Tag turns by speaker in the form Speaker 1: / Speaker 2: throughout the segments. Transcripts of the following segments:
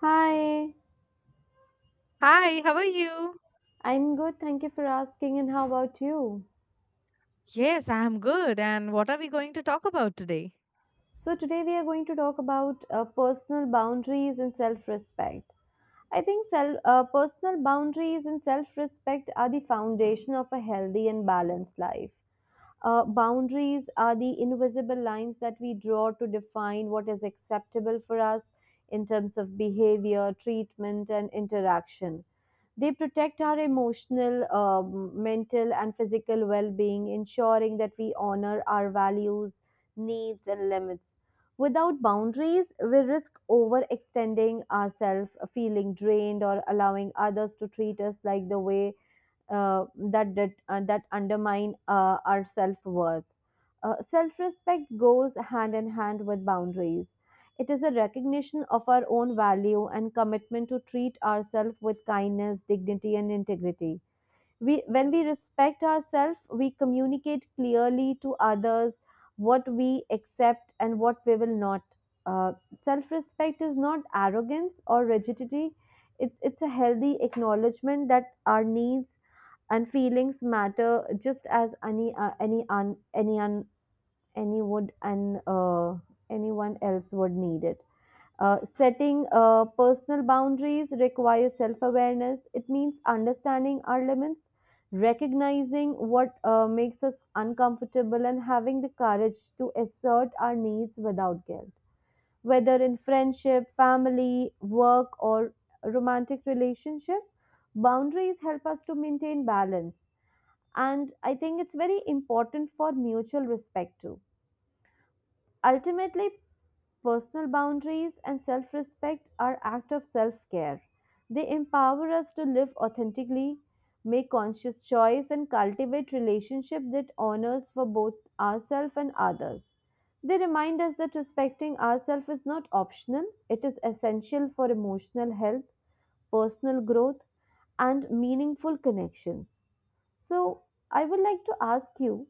Speaker 1: Hi,
Speaker 2: Hi, how are you?
Speaker 1: I'm good. Thank you for asking. And how about you?
Speaker 2: Yes, I'm good. And what are we going to talk about today?
Speaker 1: So, today we are going to talk about personal boundaries and self respect. I think personal boundaries and self respect are the foundation of a healthy and balanced life. Boundaries are the invisible lines that we draw to define what is acceptable for us in terms of behavior, treatment, and interaction. They protect our emotional, mental, and physical well being, ensuring that we honor our values, needs, and limits. Without boundaries, we risk overextending ourselves, feeling drained, or allowing others to treat us like the way uh, that undermine our self worth. Self respect goes hand in hand with boundaries. It is a recognition of our own value and commitment to treat ourselves with kindness, dignity, and integrity. When we respect ourselves, we communicate clearly to others what we accept and what we will not. Uh, Self respect is not arrogance or rigidity, it's a healthy acknowledgement that our needs and feelings matter just as any un, any un, any would and anyone else would need it. Setting personal boundaries requires self awareness. It means understanding our limits, recognizing what makes us uncomfortable, and having the courage to assert our needs without guilt. Whether in friendship, family, work, or romantic relationship, boundaries help us to maintain balance. And I think it's very important for mutual respect too. Ultimately, personal boundaries and self respect are acts of self care. They empower us to live authentically, make conscious choice, and cultivate relationship that honors for both ourselves and others. They remind us that respecting ourselves is not optional, it is essential for emotional health, personal growth, and meaningful connections. So, I would like to ask you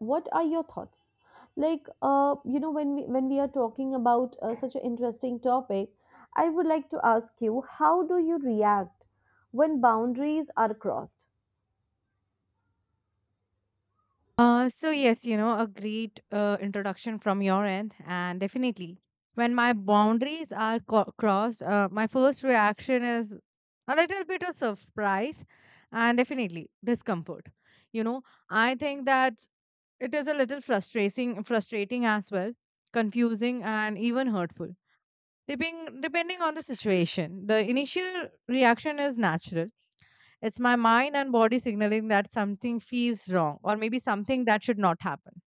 Speaker 1: what are your thoughts. You know, when we are talking about such an interesting topic, I would like to ask you, how do you react when boundaries are crossed?
Speaker 2: So yes, you know, a great introduction from your end, and definitely, when my boundaries are crossed, my first reaction is a little bit of surprise, and definitely discomfort. You know, I think that it is a little frustrating as well, confusing, and even hurtful. Depending on the situation, the initial reaction is natural. It's my mind and body signaling that something feels wrong or maybe something that should not happen.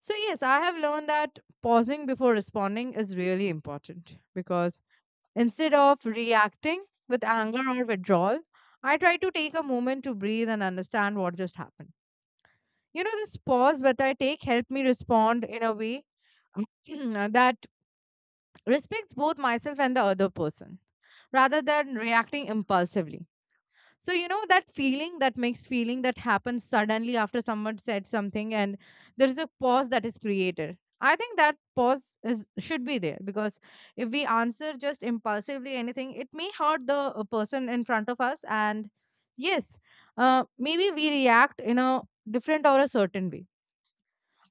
Speaker 2: So, yes, I have learned that pausing before responding is really important because instead of reacting with anger or withdrawal, I try to take a moment to breathe and understand what just happened. You know, this pause that I take helped me respond in a way that respects both myself and the other person rather than reacting impulsively. So you know that feeling, that mixed feeling that happens suddenly after someone said something, and there is a pause that is created. I think that pause is should be there because if we answer just impulsively anything, it may hurt the person in front of us. And yes, maybe we react in a different or a certain way.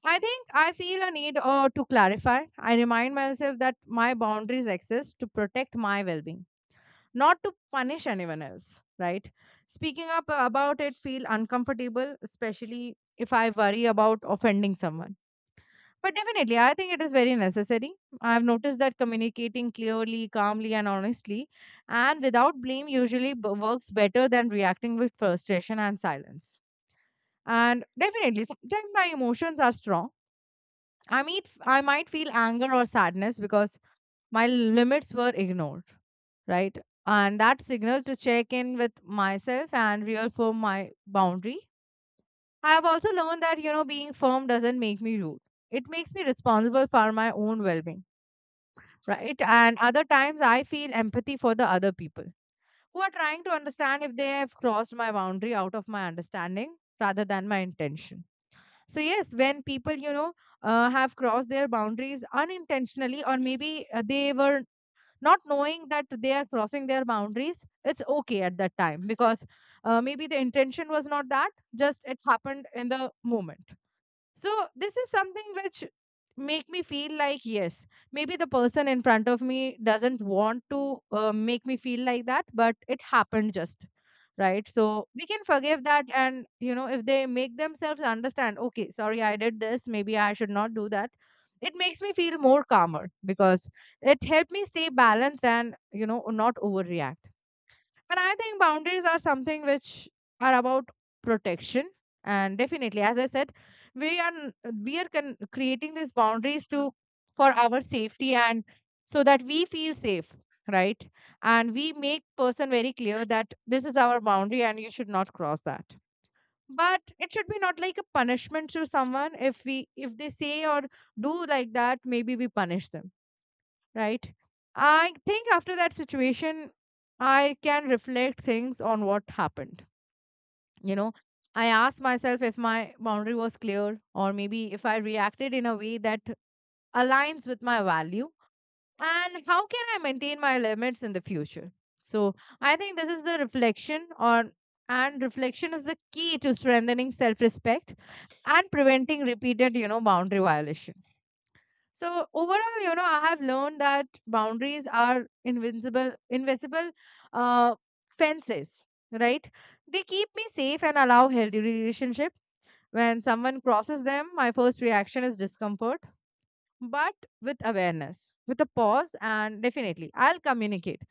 Speaker 2: I think I feel a need to clarify. I remind myself that my boundaries exist to protect my well-being, not to punish anyone else, right? Speaking up about it feel uncomfortable, especially if I worry about offending someone. But definitely, I think it is very necessary. I've noticed that communicating clearly, calmly, and honestly, and without blame, usually works better than reacting with frustration and silence. And definitely, sometimes my emotions are strong. I mean, I might feel anger or sadness because my limits were ignored, right? And that signal to check in with myself and reaffirm my boundary. I have also learned that, you know, being firm doesn't make me rude. It makes me responsible for my own well being, right? And other times I feel empathy for the other people who are trying to understand if they have crossed my boundary out of my understanding rather than my intention. So, yes, when people, you know, have crossed their boundaries unintentionally or maybe they were not knowing that they are crossing their boundaries, it's okay at that time because maybe the intention was not that, just it happened in the moment. So this is something which make me feel like yes, maybe the person in front of me doesn't want to make me feel like that, but it happened just right. So we can forgive that, and you know if they make themselves understand, okay, sorry, I did this. Maybe I should not do that. It makes me feel more calmer because it helped me stay balanced and you know not overreact. And I think boundaries are something which are about protection. And definitely, as I said, we are n- creating these boundaries to, for our safety and so that we feel safe, right? And we make person very clear that this is our boundary and you should not cross that. But it should be not like a punishment to someone if we if they say or do like that, maybe we punish them, right? I think after that situation, I can reflect things on what happened. You know, I asked myself if my boundary was clear or maybe if I reacted in a way that aligns with my value and how can I maintain my limits in the future. So I think this is the reflection on, and reflection is the key to strengthening self-respect and preventing repeated, you know, boundary violations. So overall, you know, I have learned that boundaries are invincible uh, fences, right? They keep me safe and allow healthy relationship. When someone crosses them, my first reaction is discomfort, but with awareness, with a pause, and definitely I'll communicate,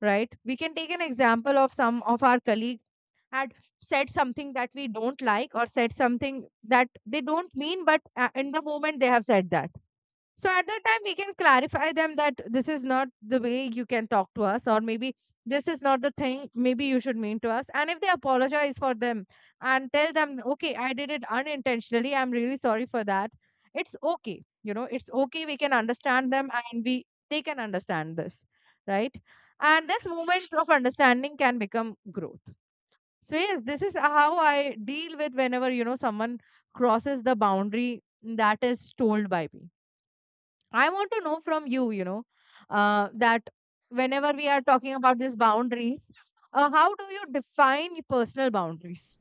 Speaker 2: right? We can take an example of some of our colleague had said something that we don't like or said something that they don't mean, but in the moment they have said that. So at that time, we can clarify them that this is not the way you can talk to us, or maybe this is not the thing maybe you should mean to us. And if they apologize for them and tell them, okay, I did it unintentionally, I'm really sorry for that, it's okay. You know, it's okay. We can understand them and we they can understand this, right? And this moment of understanding can become growth. So yes, this is how I deal with whenever you know someone crosses the boundary that is told by me. I want to know from you, you know, that whenever we are talking about these boundaries, how do you define your personal boundaries?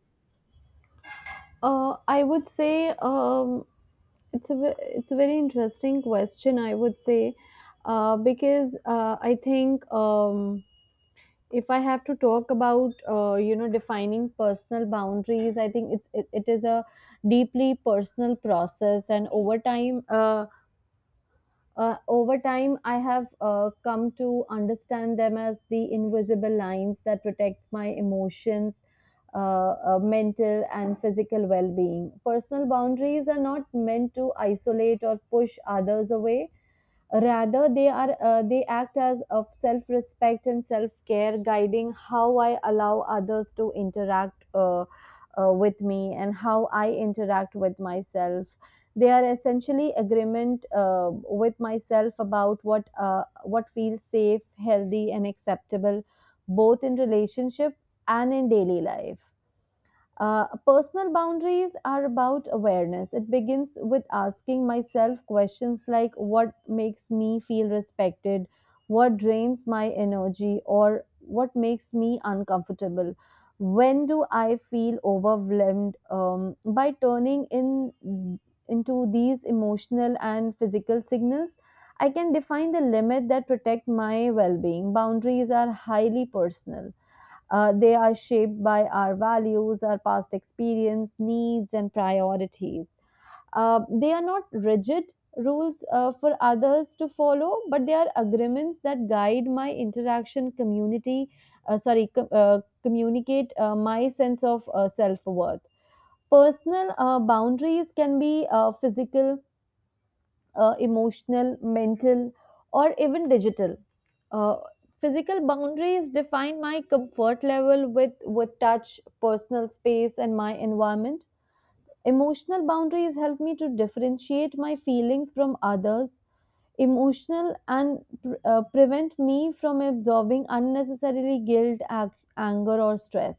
Speaker 1: I would say It's a it's a very interesting question. I would say because I think. If I have to talk about you know, defining personal boundaries, I think it is a deeply personal process, and over time I have come to understand them as the invisible lines that protect my emotions, mental and physical well-being. Personal boundaries are not meant to isolate or push others away. Rather, they act as of self-respect and self-care, guiding how I allow others to interact with me and how I interact with myself. They are essentially agreement with myself about what feels safe, healthy, and acceptable, both in relationship and in daily life. Personal boundaries are about awareness. It begins with asking myself questions like, what makes me feel respected, what drains my energy, or what makes me uncomfortable. When do I feel overwhelmed? By turning in into these emotional and physical signals, I can define the limit that protect my well-being. Boundaries are highly personal. They are shaped by our values, our past experience, needs, and priorities. They are not rigid rules for others to follow, but they are agreements that guide my interaction, communicate my sense of self worth. Personal boundaries can be physical, emotional, mental, or even digital. Uh, Physical boundaries define my comfort level with touch, personal space, and my environment. Emotional boundaries help me to differentiate my feelings from others, emotional, and prevent me from absorbing unnecessarily guilt, anger, or stress.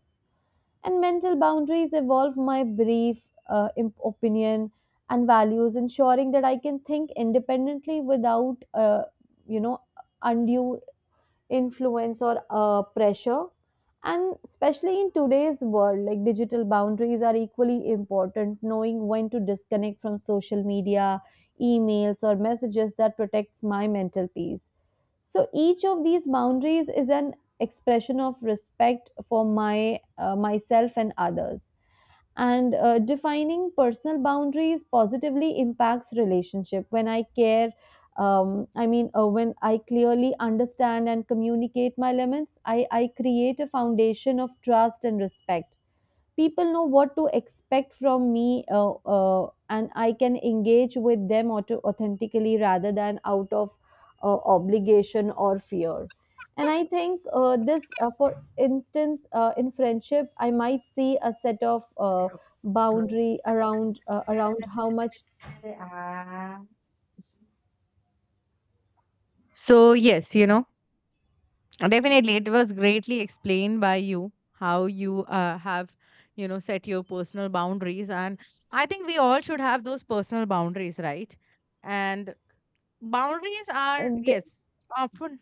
Speaker 1: And mental boundaries evolve my brief opinion and values, ensuring that I can think independently without you know undue influence or pressure. And especially in today's world, like, digital boundaries are equally important. Knowing when to disconnect from social media, emails, or messages that protects my mental peace. So each of these boundaries is an expression of respect for my myself and others. And defining personal boundaries positively impacts relationship. When I care, I mean, When I clearly understand and communicate my limits, I create a foundation of trust and respect. People know what to expect from me, and I can engage with them authentically rather than out of obligation or fear. And I think this for instance, in friendship I might see a set of uh, boundary around around how much
Speaker 2: Ah. So, yes, you know, definitely it was greatly explained by you how you have, you know, set your personal boundaries. And I think we all should have those personal boundaries, right? And boundaries
Speaker 1: uh,
Speaker 2: are,
Speaker 1: th-
Speaker 2: yes, often,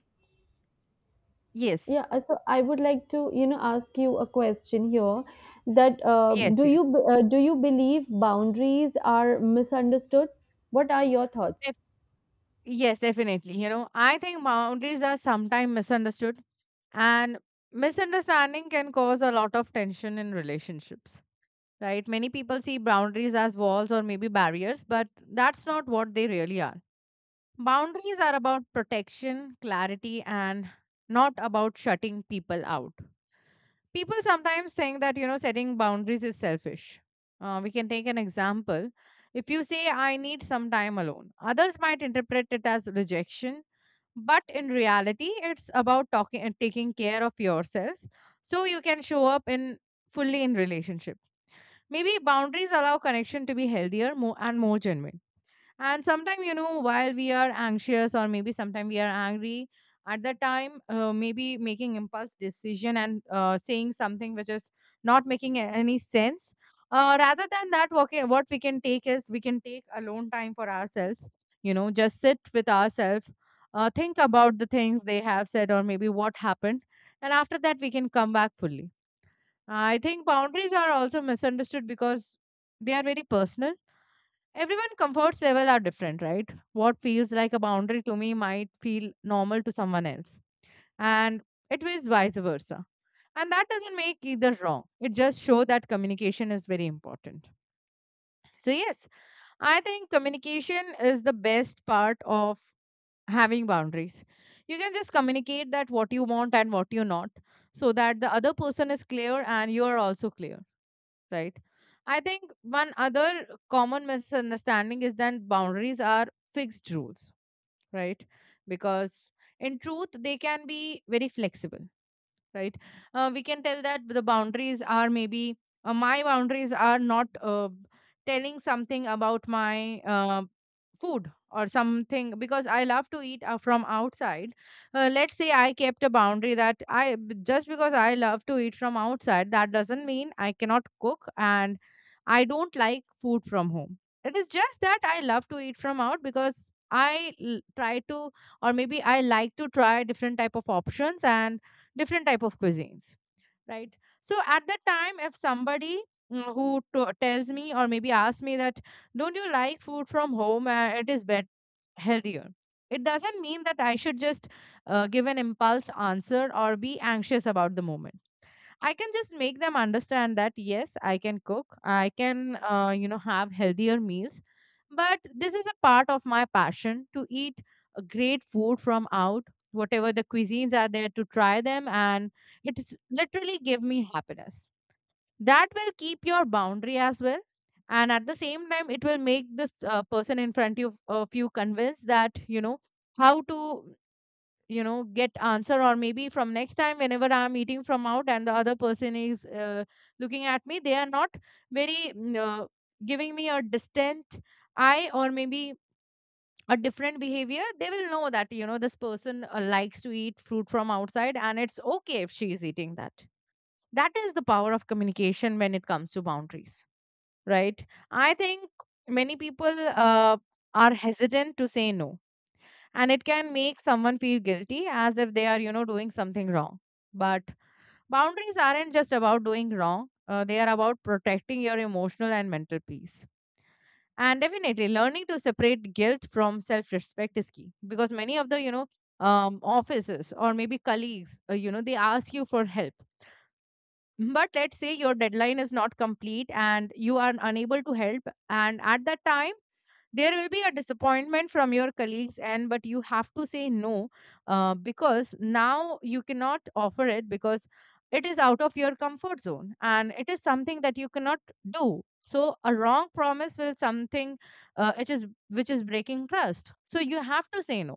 Speaker 2: yes,
Speaker 1: yeah so I would like to, you know, ask you a question here, that
Speaker 2: yes, yes.
Speaker 1: do you believe boundaries are misunderstood? What are your thoughts?
Speaker 2: Def- Yes, definitely. You know, I think boundaries are sometimes misunderstood, and misunderstanding can cause a lot of tension in relationships, right? Many people see boundaries as walls or maybe barriers, but that's not what they really are. Boundaries are about protection, clarity, and not about shutting people out. People sometimes think that you know setting boundaries is selfish. We can take an example, if you say I need some time alone, others might interpret it as rejection, but in reality it's about talking and taking care of yourself, so you can show up in fully in relationship. Maybe boundaries allow connection to be healthier, more and more genuine. And sometimes, you know, while we are anxious or maybe sometimes we are angry, at that time, maybe making impulse decision and saying something which is not making any sense. Rather than that, what we can take is we can take alone time for ourselves. You know, just sit with ourselves, think about the things they have said or maybe what happened, and after that we can come back fully. I think boundaries are also misunderstood because they are very personal. Everyone comfort level are different, right? What feels like a boundary to me might feel normal to someone else, and it is vice versa. And that doesn't make either wrong. It just shows that communication is very important. So yes, I think communication is the best part of having boundaries. You can just communicate that what you want and what you not, so that the other person is clear and you are also clear, right? I think one other common misunderstanding is that boundaries are fixed rules, right? Because in truth, they can be very flexible, right? We can tell that the boundaries are maybe my boundaries are not telling something about my food or something, because I love to eat from outside. Let's say I kept a boundary that just because I love to eat from outside, that doesn't mean I cannot cook and I don't like food from home. It is just that I love to eat from out because try to, or maybe I like to try different type of options and different type of cuisines, right? So at that time if somebody, who tells me or maybe asks me that don't you like food from home, it is better, healthier, it doesn't mean that I should just give an impulse answer or be anxious about the moment. I can just make them understand that yes, I can cook, I can, you know, have healthier meals. But this is a part of my passion to eat a great food from out, whatever the cuisines are there to try them, and it's literally give me happiness. That will keep your boundary as well, and at the same time, it will make this person in front of you convinced that you know how to get answer, or maybe from next time whenever I'm eating from out and the other person is looking at me, they are not very giving me a distant eye or maybe a different behavior. They will know that you know this person likes to eat fruit from outside and it's okay if she is eating that. That is the power of communication when it comes to boundaries, right? I think many people are hesitant to say no, and it can make someone feel guilty as if they are, you know, doing something wrong. But boundaries aren't just about doing wrong, they are about protecting your emotional and mental peace. And definitely, learning to separate guilt from self respect is key, because many of the, offices or maybe colleagues, you know, they ask you for help. But let's say your deadline is not complete and you are unable to help, and at that time there will be a disappointment from your colleagues, and but you have to say no, because now you cannot offer it, because it is out of your comfort zone and it is something that you cannot do. So a wrong promise will something which is breaking trust, so you have to say no.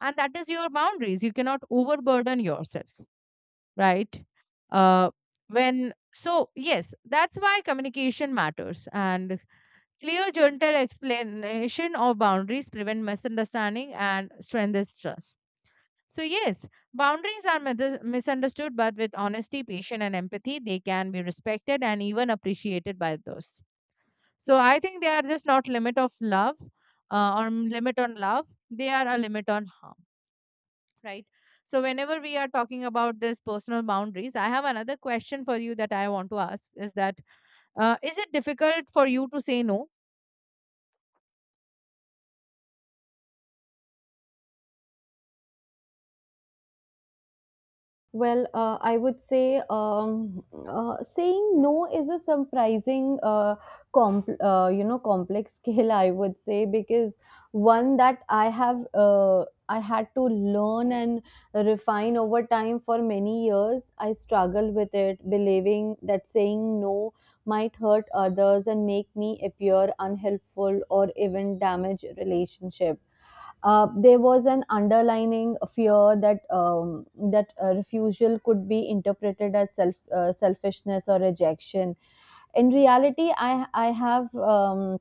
Speaker 2: And that is your boundaries, you cannot overburden yourself, right? Uh, when so yes, that's why communication matters. And clear, gentle explanation of boundaries prevent misunderstanding and strengthens trust. So yes, boundaries are misunderstood, but with honesty, patience, and empathy, they can be respected and even appreciated by those. So, I think they are just not limit of love, or limit on love, they are a limit on harm, right? So, whenever we are talking about this personal boundaries, I have another question for you that I want to ask is that, is it difficult for you to say no?
Speaker 1: Well, I would say Saying no is a surprising, you know, complex skill. I would say, because one that I have, I had to learn and refine over time. For many years I struggle with it, believing that saying no might hurt others and make me appear unhelpful or even damage relationship. There was an underlining fear that refusal could be interpreted as selfishness or rejection. In reality, I have um,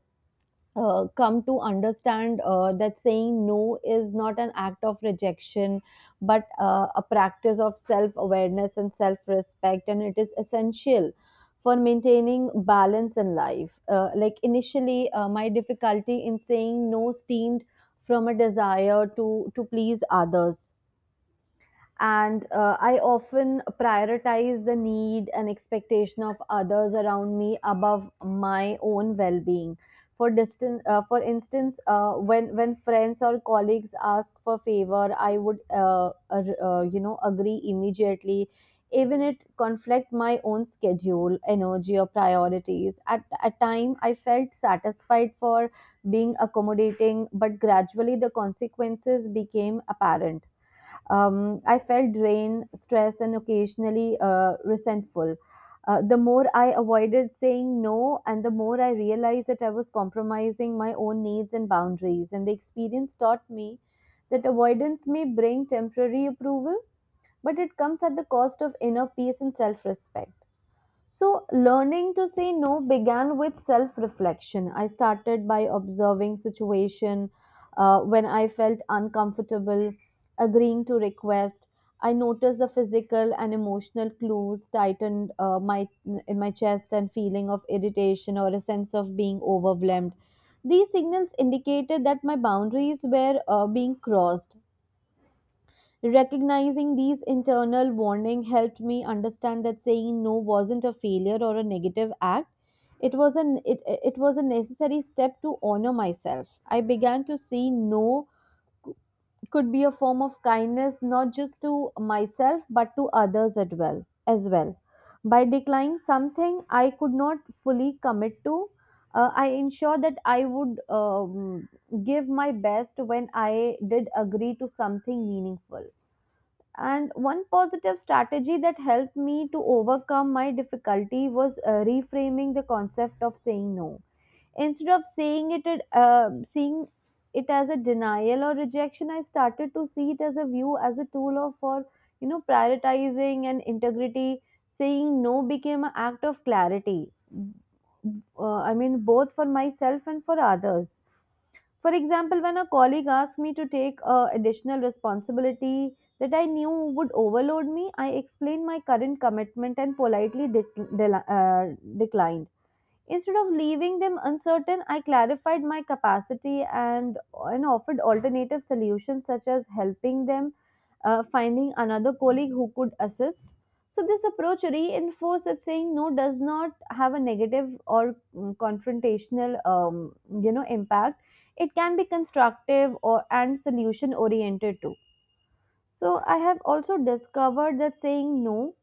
Speaker 1: uh, come to understand that saying no is not an act of rejection, but a practice of self awareness and self respect, and it is essential for maintaining balance in life. Like initially, my difficulty in saying no steamed from a desire to please others, and I often prioritize the need and expectation of others around me above my own well-being. For instance, when friends or colleagues ask for favor, I would you know, agree immediately, even it conflict my own schedule, energy, or priorities. At a time I felt satisfied for being accommodating, but gradually the consequences became apparent. I felt drained, stressed, and occasionally resentful. The more I avoided saying no, and the more I realized that I was compromising my own needs and boundaries. And the experience taught me that avoidance may bring temporary approval, but it comes at the cost of inner peace and self respect. So, learning to say no began with self reflection. I started by observing situation when I felt uncomfortable, agreeing to request. I noticed the physical and emotional clues tightened my in my chest, and feeling of irritation or a sense of being overwhelmed. These signals indicated that my boundaries were being crossed. Recognizing these internal warnings helped me understand that saying no wasn't a failure or a negative act. It was a necessary step to honor myself. I began to see no c- could be a form of kindness, not just to myself but to others as well. By declining something I could not fully commit to, I ensured that I would give my best when I did agree to something meaningful. And one positive strategy that helped me to overcome my difficulty was reframing the concept of saying no. Instead of seeing it as a denial or rejection, I started to see it as a view, as a tool of for, you know, prioritizing and integrity. Saying no became an act of clarity. I mean, both for myself and for others. For example, when a colleague asked me to take additional responsibility that I knew would overload me, I explained my current commitment and politely declined. Instead of leaving them uncertain, I clarified my capacity, and offered alternative solutions, such as helping them finding another colleague who could assist. So, this approach reinforces that saying no does not have a negative or confrontational, you know, impact. It can be constructive or and solution oriented too. So, I have also discovered that saying no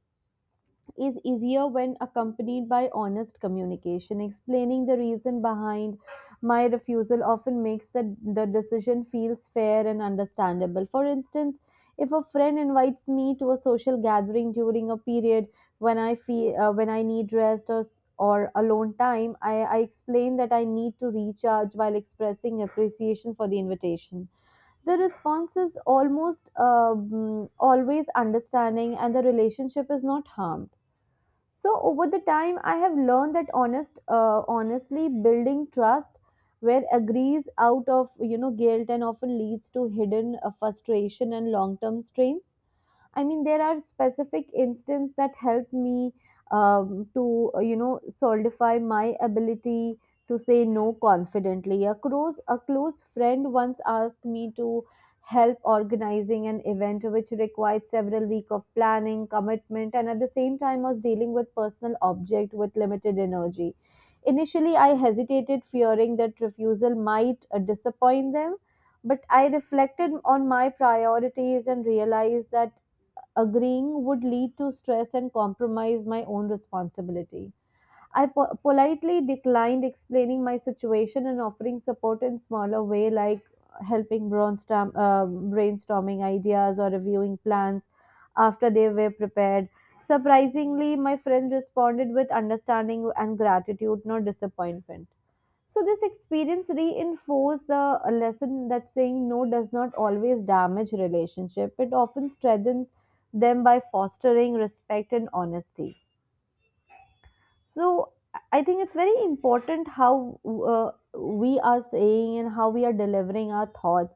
Speaker 1: is easier when accompanied by honest communication. Explaining the reason behind my refusal often makes the decision feels fair and understandable. For instance, if a friend invites me to a social gathering during a period when I feel when I need rest or alone time, I explain that I need to recharge while expressing appreciation for the invitation. The response is almost always understanding, and the relationship is not harmed. So over the time, I have learned that honestly, building trust where agrees out of, you know, guilt and often leads to hidden frustration and long term strains. I mean, there are specific instances that help me you know, solidify my ability to say no confidently. A close friend once asked me to help organizing an event, which required several weeks of planning, commitment, and at the same time was dealing with personal object with limited energy. Initially, I hesitated, fearing that refusal might disappoint them, but I reflected on my priorities and realized that agreeing would lead to stress and compromise my own responsibility. I politely declined, explaining my situation and offering support in smaller way, like helping brainstorming ideas or reviewing plans after they were prepared. Surprisingly, my friend responded with understanding and gratitude, not disappointment. So this experience reinforced the lesson that saying no does not always damage relationship. It often strengthens them by fostering respect and honesty. So I think it's very important how uh, we are saying and how we are delivering our thoughts,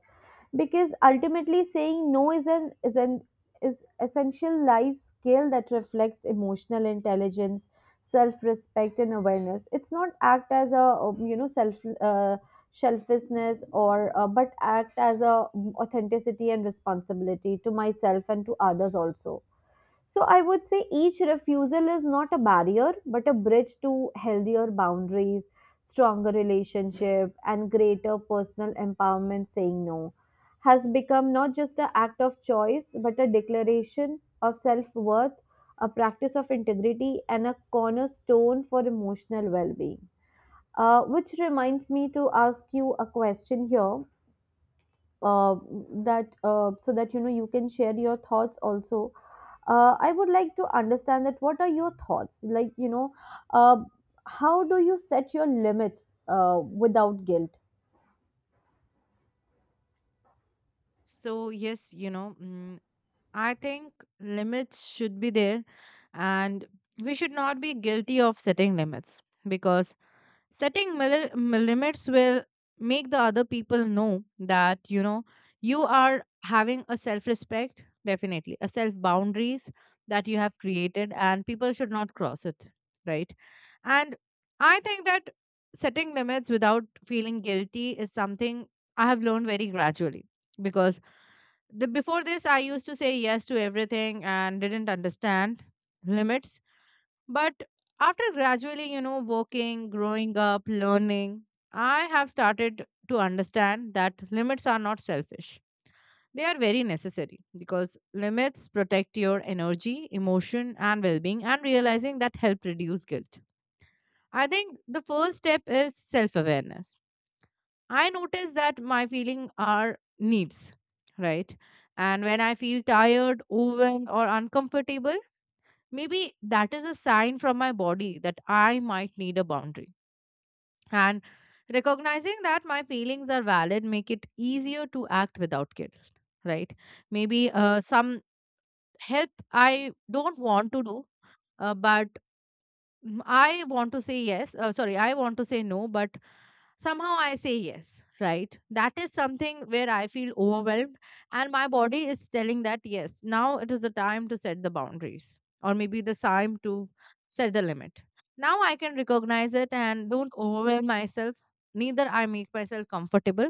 Speaker 1: because ultimately saying no is an is essential life skill that reflects emotional intelligence, self-respect, and awareness. It's not act as a you know, selfishness, or but act as a authenticity and responsibility to myself and to others also. So I would say each refusal is not a barrier, but a bridge to healthier boundaries, stronger relationship, and greater personal empowerment. Saying no has become not just an act of choice, but a declaration of self worth, a practice of integrity, and a cornerstone for emotional well being. Which reminds me to ask you a question here, uh, that so that, you know, you can share your thoughts also. I would like to understand that, what are your thoughts, you know, uh, how do you set your limits without guilt?
Speaker 2: So yes, you know, I think limits should be there, and we should not be guilty of setting limits, because setting limits will make the other people know that you know you are having a self respect, definitely a self boundaries that you have created and people should not cross it, right? And I think that setting limits without feeling guilty is something I have learned very gradually, because the before this I used to say yes to everything and didn't understand limits. But after gradually, you know, working, growing up, learning, I have started to understand that limits are not selfish. They are very necessary because limits protect your energy, emotion, and well being, and realizing that help reduce guilt. I think the first step is self awareness. I notice that my feelings are needs, right? And when I feel tired, overwhelmed, or uncomfortable, maybe that is a sign from my body that I might need a boundary. And recognizing that my feelings are valid make it easier to act without guilt, right? Maybe some help I don't want to do, but mm, I want to say yes. Sorry, I want to say no, but somehow I say yes, right? That is something where I feel overwhelmed, and my body is telling that yes, now it is the time to set the boundaries, or maybe the time to set the limit. Now I can recognize it and don't overwhelm myself, neither I make myself comfortable.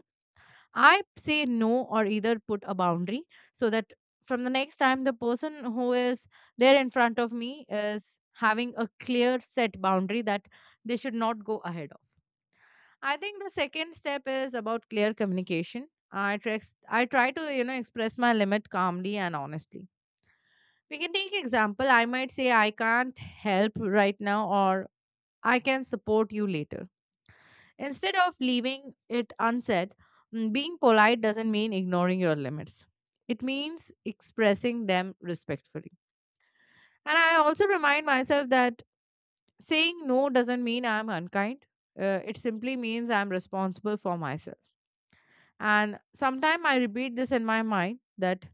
Speaker 2: I say no or either put a boundary, so that from the next time the person who is there in front of me is having a clear set boundary that they should not go ahead. I think the second step is about clear communication. I try to, you know, express my limit calmly and honestly. We can take example. I might say I can't help right now, or I can support you later. Instead of leaving it unsaid, mm, being polite doesn't mean ignoring your limits. It means expressing them respectfully. And I also remind myself that saying no doesn't mean I'm unkind. It simply means I'm responsible for myself. And sometimes I repeat this in my mind that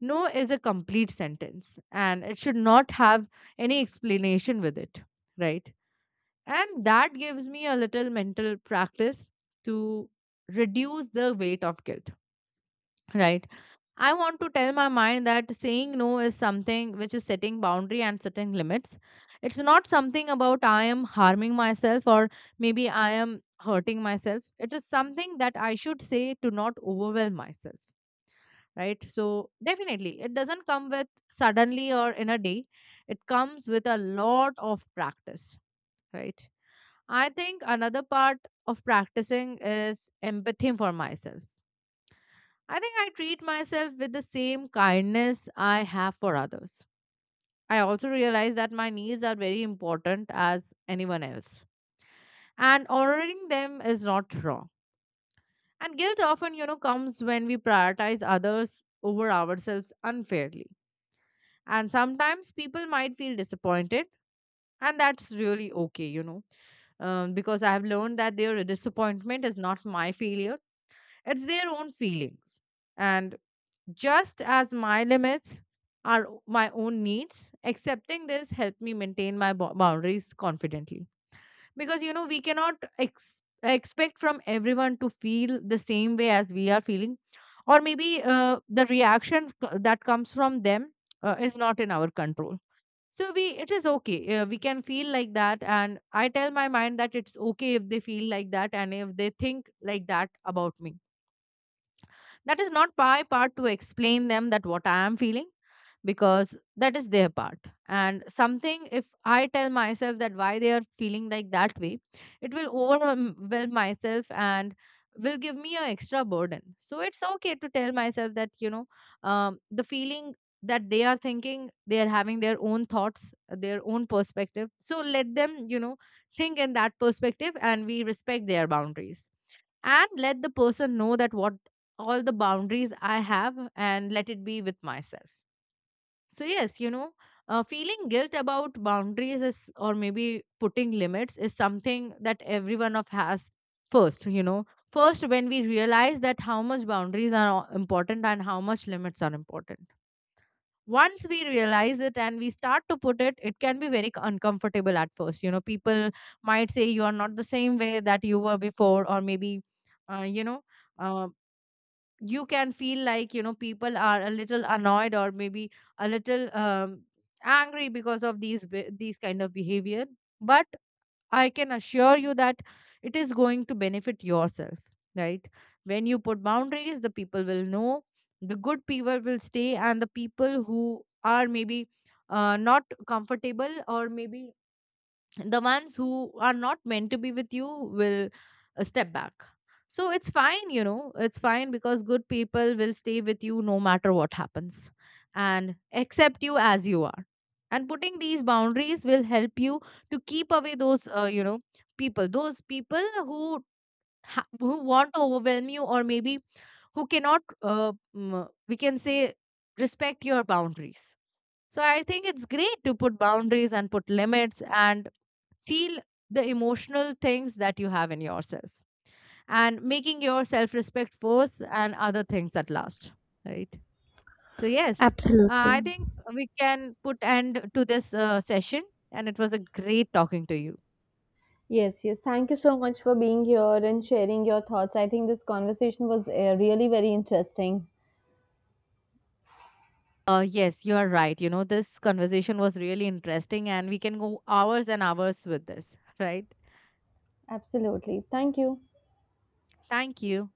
Speaker 2: no is a complete sentence, and it should not have any explanation with it, right? And that gives me a little mental practice to reduce the weight of guilt, right? I want to tell my mind that saying no is something which is setting boundary and setting limits. It's not something about I am harming myself or maybe I am hurting myself. It is something that I should say to not overwhelm myself, right? So definitely, it doesn't come with suddenly or in a day, it comes with a lot of practice, right? I think another part of practicing is empathy for myself. I think I treat myself with the same kindness I have for others. I also realize that my needs are very important as anyone else, and honoring them is not wrong. And guilt often, you know, comes when we prioritize others over ourselves unfairly. And sometimes people might feel disappointed, and that's really okay, you know, because I have learned that their disappointment is not my failure, it's their own feelings. And just as my limits my own needs, accepting this helped me maintain my boundaries confidently, because you know we cannot expect from everyone to feel the same way as we are feeling. Or maybe the that comes from them is not in our control. So we, it is okay. We can feel like that, and I tell my mind that it's okay if they feel like that and if they think like that about me. That is not my part to explain them that what I am feeling, because that is their part. And something if I tell myself that why they are feeling like that way, it will overwhelm myself and will give me an extra burden. So it's okay to tell myself that, you know, the feeling that they are thinking, they are having their own thoughts, their own perspective, so let them, you know, think in that perspective, and we respect their boundaries, and let the person know that what all the boundaries I have, and let it be with myself. So yes, you know, feeling guilt about boundaries is, or maybe putting limits, is something that everyone of has first, you know. First, when we realize that how much boundaries are important and how much limits are important. Once we realize it and we start to put it, it can be very uncomfortable at first. You know, people might say you are not the same way that you were before, or maybe, you know, uh, you can feel like, you know, people are a little annoyed or maybe a little angry because of these kind of behavior. But I can assure you that it is going to benefit yourself, right? When you put boundaries, the people will know. The good people will stay, and the people who are maybe not comfortable or maybe the ones who are not meant to be with you will step back. So it's fine, you know, it's fine, because good people will stay with you no matter what happens, and accept you as you are. And putting these boundaries will help you to keep away those, you know, people, those people who who want to overwhelm you, or maybe who cannot, we can say, respect your boundaries. So I think it's great to put boundaries and put limits, and feel the emotional things that you have in yourself, and making your self respect first and other things at last, right? So yes,
Speaker 1: Absolutely.
Speaker 2: I think we can put end to this session, and it was a great talking to you.
Speaker 1: Yes, yes. Thank you so much for being here and sharing your thoughts. I think this conversation was really very interesting.
Speaker 2: Uh, yes, you are right, you know, this conversation was really interesting and we can go hours and hours with this, right?
Speaker 1: Absolutely. Thank you.
Speaker 2: Thank you.